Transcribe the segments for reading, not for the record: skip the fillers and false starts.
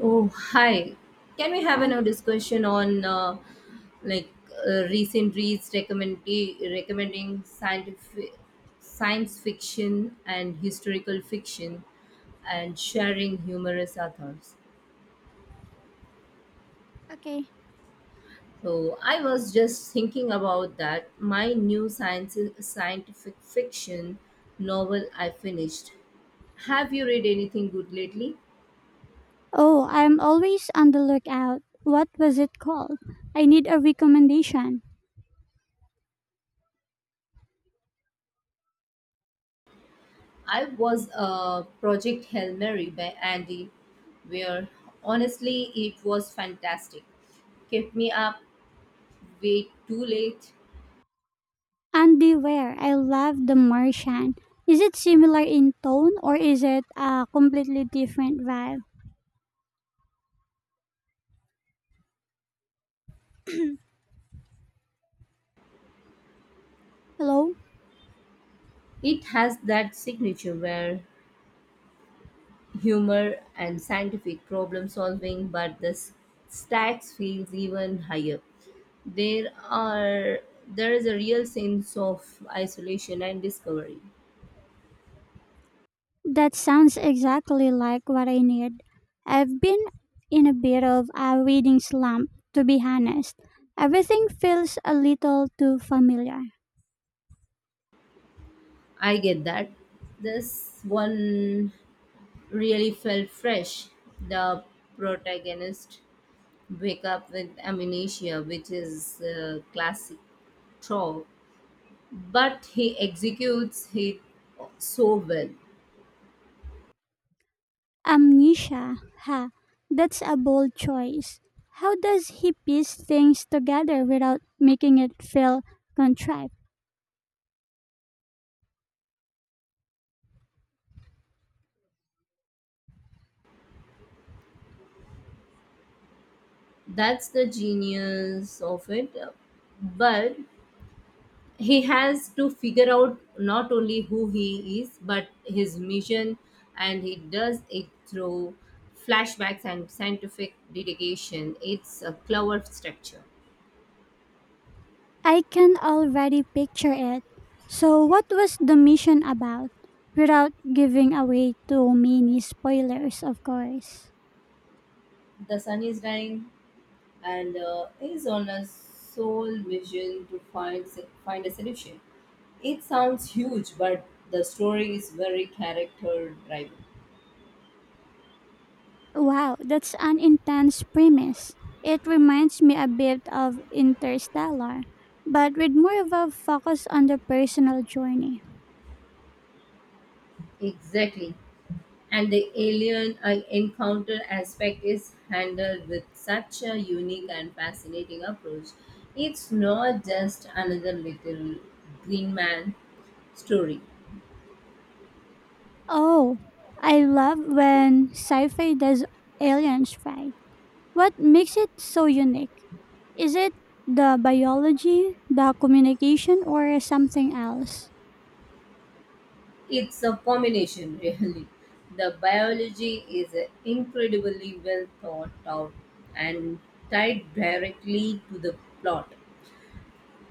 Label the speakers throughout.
Speaker 1: Oh, hi. Can we have
Speaker 2: Hi.
Speaker 1: another discussion on like recent reads recommending scientific science fiction and historical fiction and sharing humorous authors.
Speaker 2: Okay.
Speaker 1: So I was just thinking about that my new science scientific fiction novel I finished. Have you read anything good lately?
Speaker 2: Oh, I'm always on the lookout. What was it called? I need a recommendation.
Speaker 1: I was a Project Hail Mary by Andy where Honestly, it was fantastic. Kept me up way too late.
Speaker 2: Andy Ware. I love The Martian. Is it similar in tone or is it a completely different vibe? Hello?
Speaker 1: It has that signature where humor and scientific problem solving, but the stacks feels even higher. There are there is a real sense of isolation and discovery.
Speaker 2: That sounds exactly like what I need. I've been in a bit of a reading slump, to be honest. Everything feels a little too familiar.
Speaker 1: I get that. This one really felt fresh. The protagonist wake up with amnesia, which is a classic trope, but he executes it so well.
Speaker 2: Amnesia. Ha, that's a bold choice. How does he piece things together without making it feel contrived?
Speaker 1: That's the genius of it. But he has to figure out not only who he is, but his mission, and he does it through flashbacks and scientific dedication. It's a clever structure.
Speaker 2: I can already picture it. So, what was the mission about? Without giving away too many spoilers, of course.
Speaker 1: The sun is dying, and is on a sole mission to find a solution. It sounds huge, but the story is very character driven.
Speaker 2: Wow, that's an intense premise. It reminds me a bit of Interstellar, but with more of a focus on the personal journey.
Speaker 1: Exactly. And the alien I encounter aspect is handled with such a unique and fascinating approach. It's not just another little green man story.
Speaker 2: Oh, I love when sci fi does aliens fight. What makes it so unique? Is it the biology, the communication, or something else?
Speaker 1: It's a combination, really. The biology is incredibly well thought out and tied directly to the plot.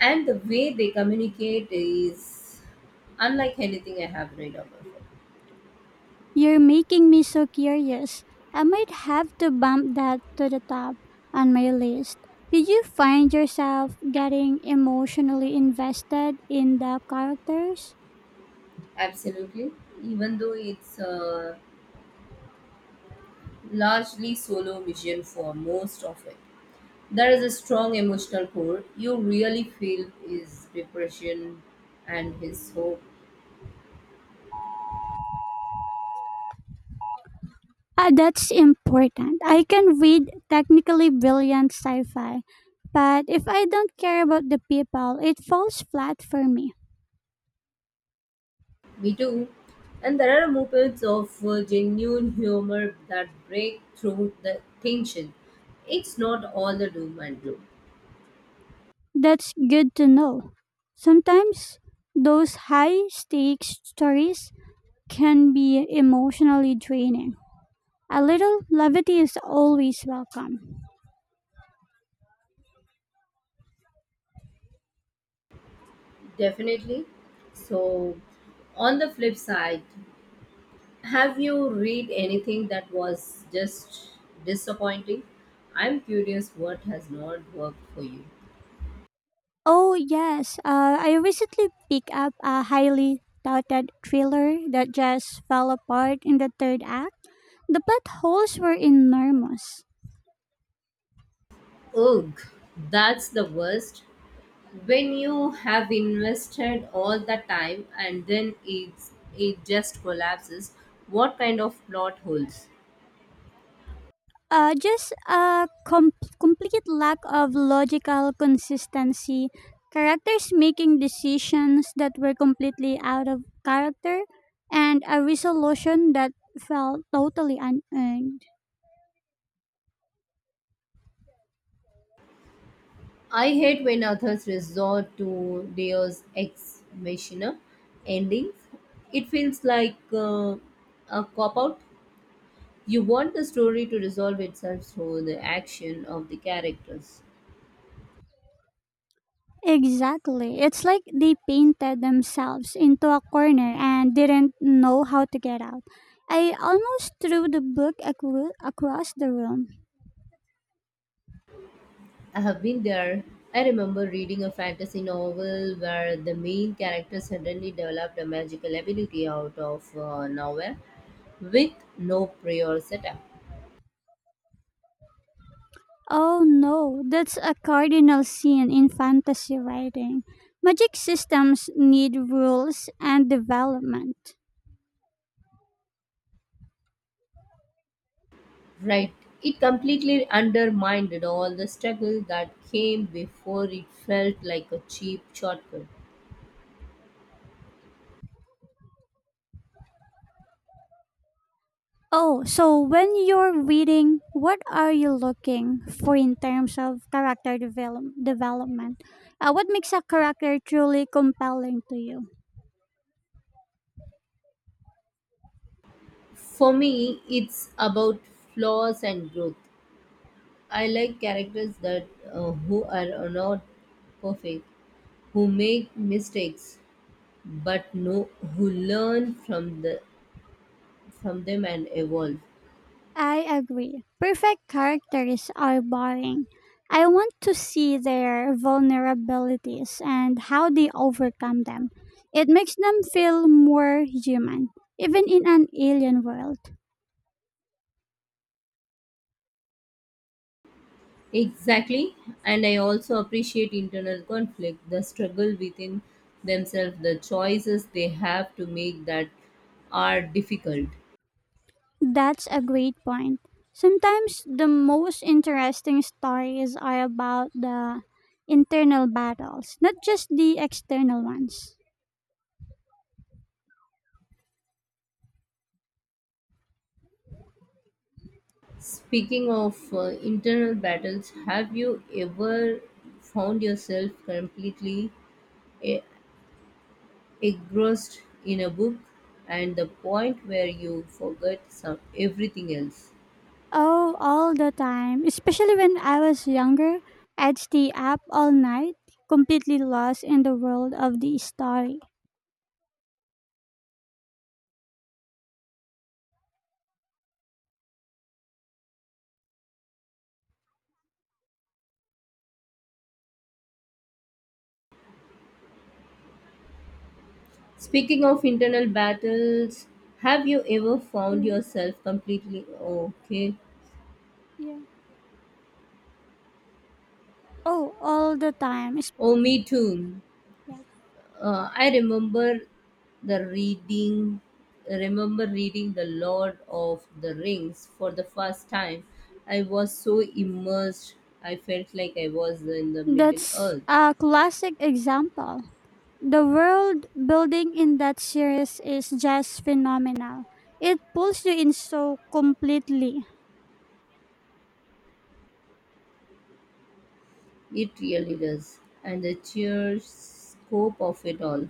Speaker 1: And the way they communicate is unlike anything I have read about.
Speaker 2: You're making me so curious. I might have to bump that to the top on my list. Did you find yourself getting emotionally invested in the characters?
Speaker 1: Absolutely, even though it's a largely solo vision for most of it. There is a strong emotional core. You really feel his depression and his hope.
Speaker 2: Ah, that's important. I can read technically brilliant sci fi, but if I don't care about the people, it falls flat for me.
Speaker 1: Me too. And there are moments of genuine humor that break through the tension. It's not all the doom and gloom,
Speaker 2: That's good to know. Sometimes those high stakes stories can be emotionally draining. A little levity is always welcome.
Speaker 1: definitely. So, on the flip side, have you read anything that was just disappointing? I'm curious what has not worked for you.
Speaker 2: Oh, yes, I recently picked up a highly touted thriller that just fell apart in the third act. The potholes were enormous.
Speaker 1: Ugh, that's the worst, when you have invested all the time and then it just collapses. What kind of plot holes?
Speaker 2: Just a complete lack of logical consistency, characters making decisions that were completely out of character, and a resolution that felt totally unearned.
Speaker 1: I hate when authors resort to deus ex machina endings. It feels like a cop out. You want the story to resolve itself through the action of the characters.
Speaker 2: Exactly. It's like they painted themselves into a corner and didn't know how to get out. I almost threw the book across the room.
Speaker 1: I have been there. I remember reading a fantasy novel where the main character suddenly developed a magical ability out of nowhere with no prior setup.
Speaker 2: Oh no, that's a cardinal sin in fantasy writing. Magic systems need rules and development.
Speaker 1: Right. It completely undermined all the struggle that came before. It felt like a cheap shortcut.
Speaker 2: Oh, so when you're reading, what are you looking for in terms of character development? What makes a character truly compelling to you?
Speaker 1: For me, it's about flaws and growth. I like characters that who are not perfect, who make mistakes, but no who learn from them and evolve.
Speaker 2: I agree. Perfect characters are boring. I want to see their vulnerabilities and how they overcome them. It makes them feel more human, even in an alien world.
Speaker 1: Exactly. And I also appreciate internal conflict, the struggle within themselves, the choices they have to make that are difficult.
Speaker 2: That's a great point. Sometimes the most interesting stories are about the internal battles, not just the external ones.
Speaker 1: Speaking of internal battles, have you ever found yourself completely e- engrossed in a book and the point where you forget some everything else?
Speaker 2: Oh, all the time. Especially when I was younger, I'd stay up all night, completely lost in the world of the story.
Speaker 1: Speaking of internal battles, have you ever found
Speaker 2: Mm,
Speaker 1: yourself completely okay?
Speaker 2: yeah. Oh, all the time.
Speaker 1: Oh, me too.
Speaker 2: Yeah.
Speaker 1: I remember the reading, remember reading The Lord of the Rings for the first time. I was so immersed, I felt like I was in the Middle
Speaker 2: That's
Speaker 1: Earth.
Speaker 2: a classic example. The world building in that series is just phenomenal. It pulls you in so completely.
Speaker 1: It really does. And the sheer scope of it all.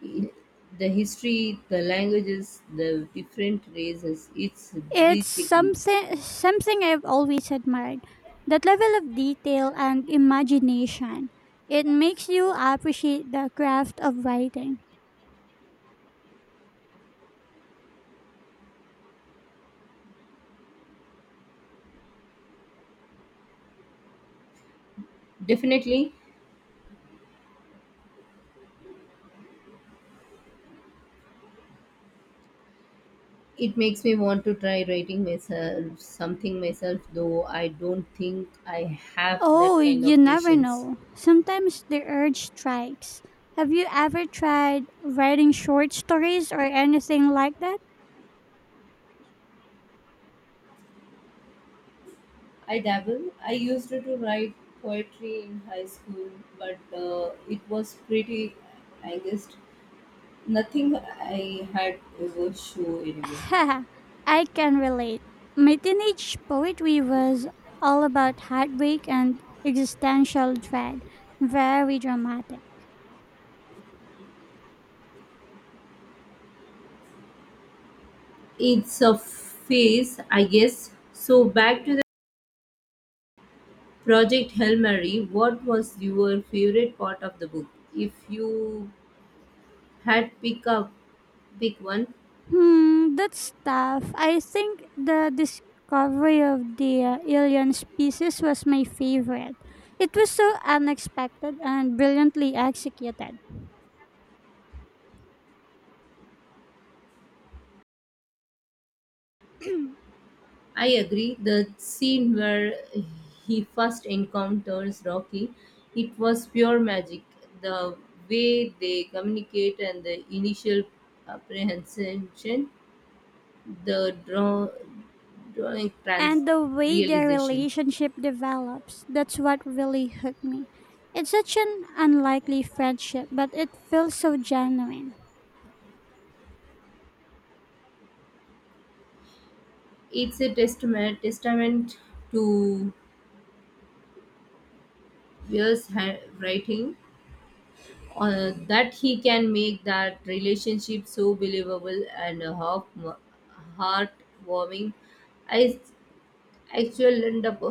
Speaker 1: I- The history, the languages, the different races, it's
Speaker 2: It's
Speaker 1: breathtaking.
Speaker 2: something I've always admired. That level of detail and imagination. It makes you appreciate the craft of writing.
Speaker 1: Definitely, it makes me want to try writing myself something myself, though I don't think I have
Speaker 2: Oh,
Speaker 1: that kind
Speaker 2: you
Speaker 1: of
Speaker 2: never
Speaker 1: patience.
Speaker 2: know. Sometimes the urge strikes. Have you ever tried writing short stories or anything like that?
Speaker 1: I dabble. I used to write poetry in high school, but it was pretty, I guess, nothing I had ever show anywhere.
Speaker 2: Haha, I can relate. My teenage poetry was all about heartbreak and existential dread. Very dramatic.
Speaker 1: It's a phase, I guess. So back to the Project Hail Mary, what was your favorite part of the book? If you had pick one.
Speaker 2: Hmm, that's tough. I think the discovery of the alien species was my favorite. It was so unexpected and brilliantly executed.
Speaker 1: I agree. The scene where he first encounters Rocky, it was pure magic. The way they communicate and the initial apprehension, the drawing trans
Speaker 2: And the way their
Speaker 1: realization.
Speaker 2: relationship develops, that's what really hooked me. It's such an unlikely friendship, but it feels so genuine.
Speaker 1: It's a testament to Weir's writing, that he can make that relationship so believable and heartwarming. I actually end up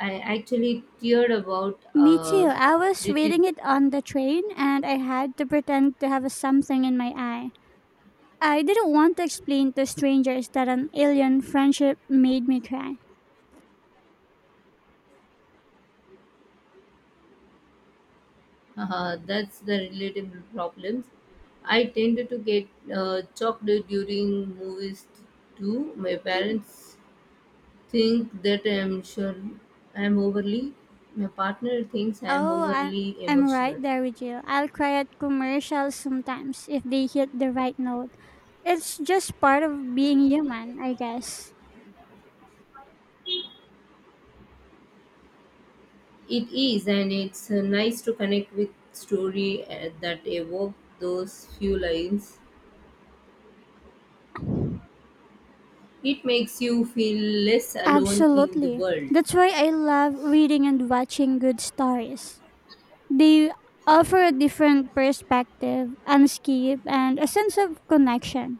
Speaker 1: I actually teared about
Speaker 2: Me too. I was
Speaker 1: little.
Speaker 2: reading it on the train and I had to pretend to have something in my eye. I didn't want to explain to strangers that an alien friendship made me cry.
Speaker 1: That's the relatable problems. I tended to get choked during movies too. My parents think that I'm overly, my partner thinks I'm
Speaker 2: Oh,
Speaker 1: overly
Speaker 2: I'm right
Speaker 1: emotional.
Speaker 2: there with you. I'll cry at commercials sometimes if they hit the right note. It's just part of being human, I guess.
Speaker 1: It is, and it's nice to connect with story that evoke those few lines. It makes you feel less alone in the
Speaker 2: Absolutely.
Speaker 1: world.
Speaker 2: That's why I love reading and watching good stories. They offer a different perspective, escape, and a sense of connection.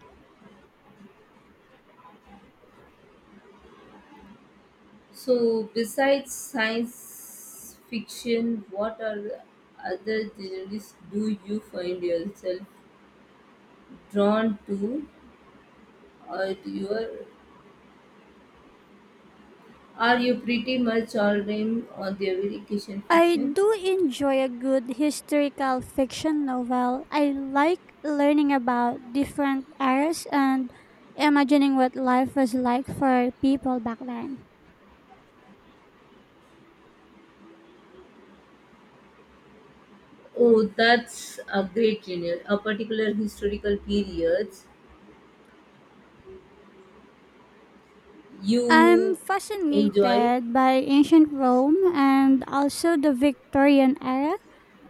Speaker 1: So, besides science fiction, what are other genres do you find yourself drawn to, or you are you pretty much all in on the American
Speaker 2: I
Speaker 1: fiction?
Speaker 2: do enjoy a good historical fiction novel. I like learning about different eras and imagining what life was like for people back then.
Speaker 1: Oh, that's a great genre. A particular historical periods
Speaker 2: I'm
Speaker 1: you enjoy.
Speaker 2: fascinated by ancient Rome and also the Victorian era.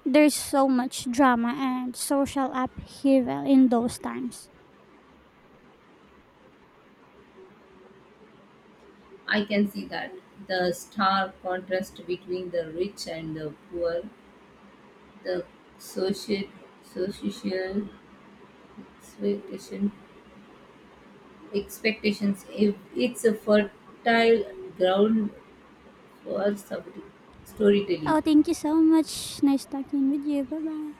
Speaker 2: There's so much drama and social upheaval in those times.
Speaker 1: I can see that. The stark contrast between the rich and the poor, the social, social expectation, expectations. If it's a fertile ground for storytelling.
Speaker 2: Oh, thank you so much. Nice talking with you. Bye bye.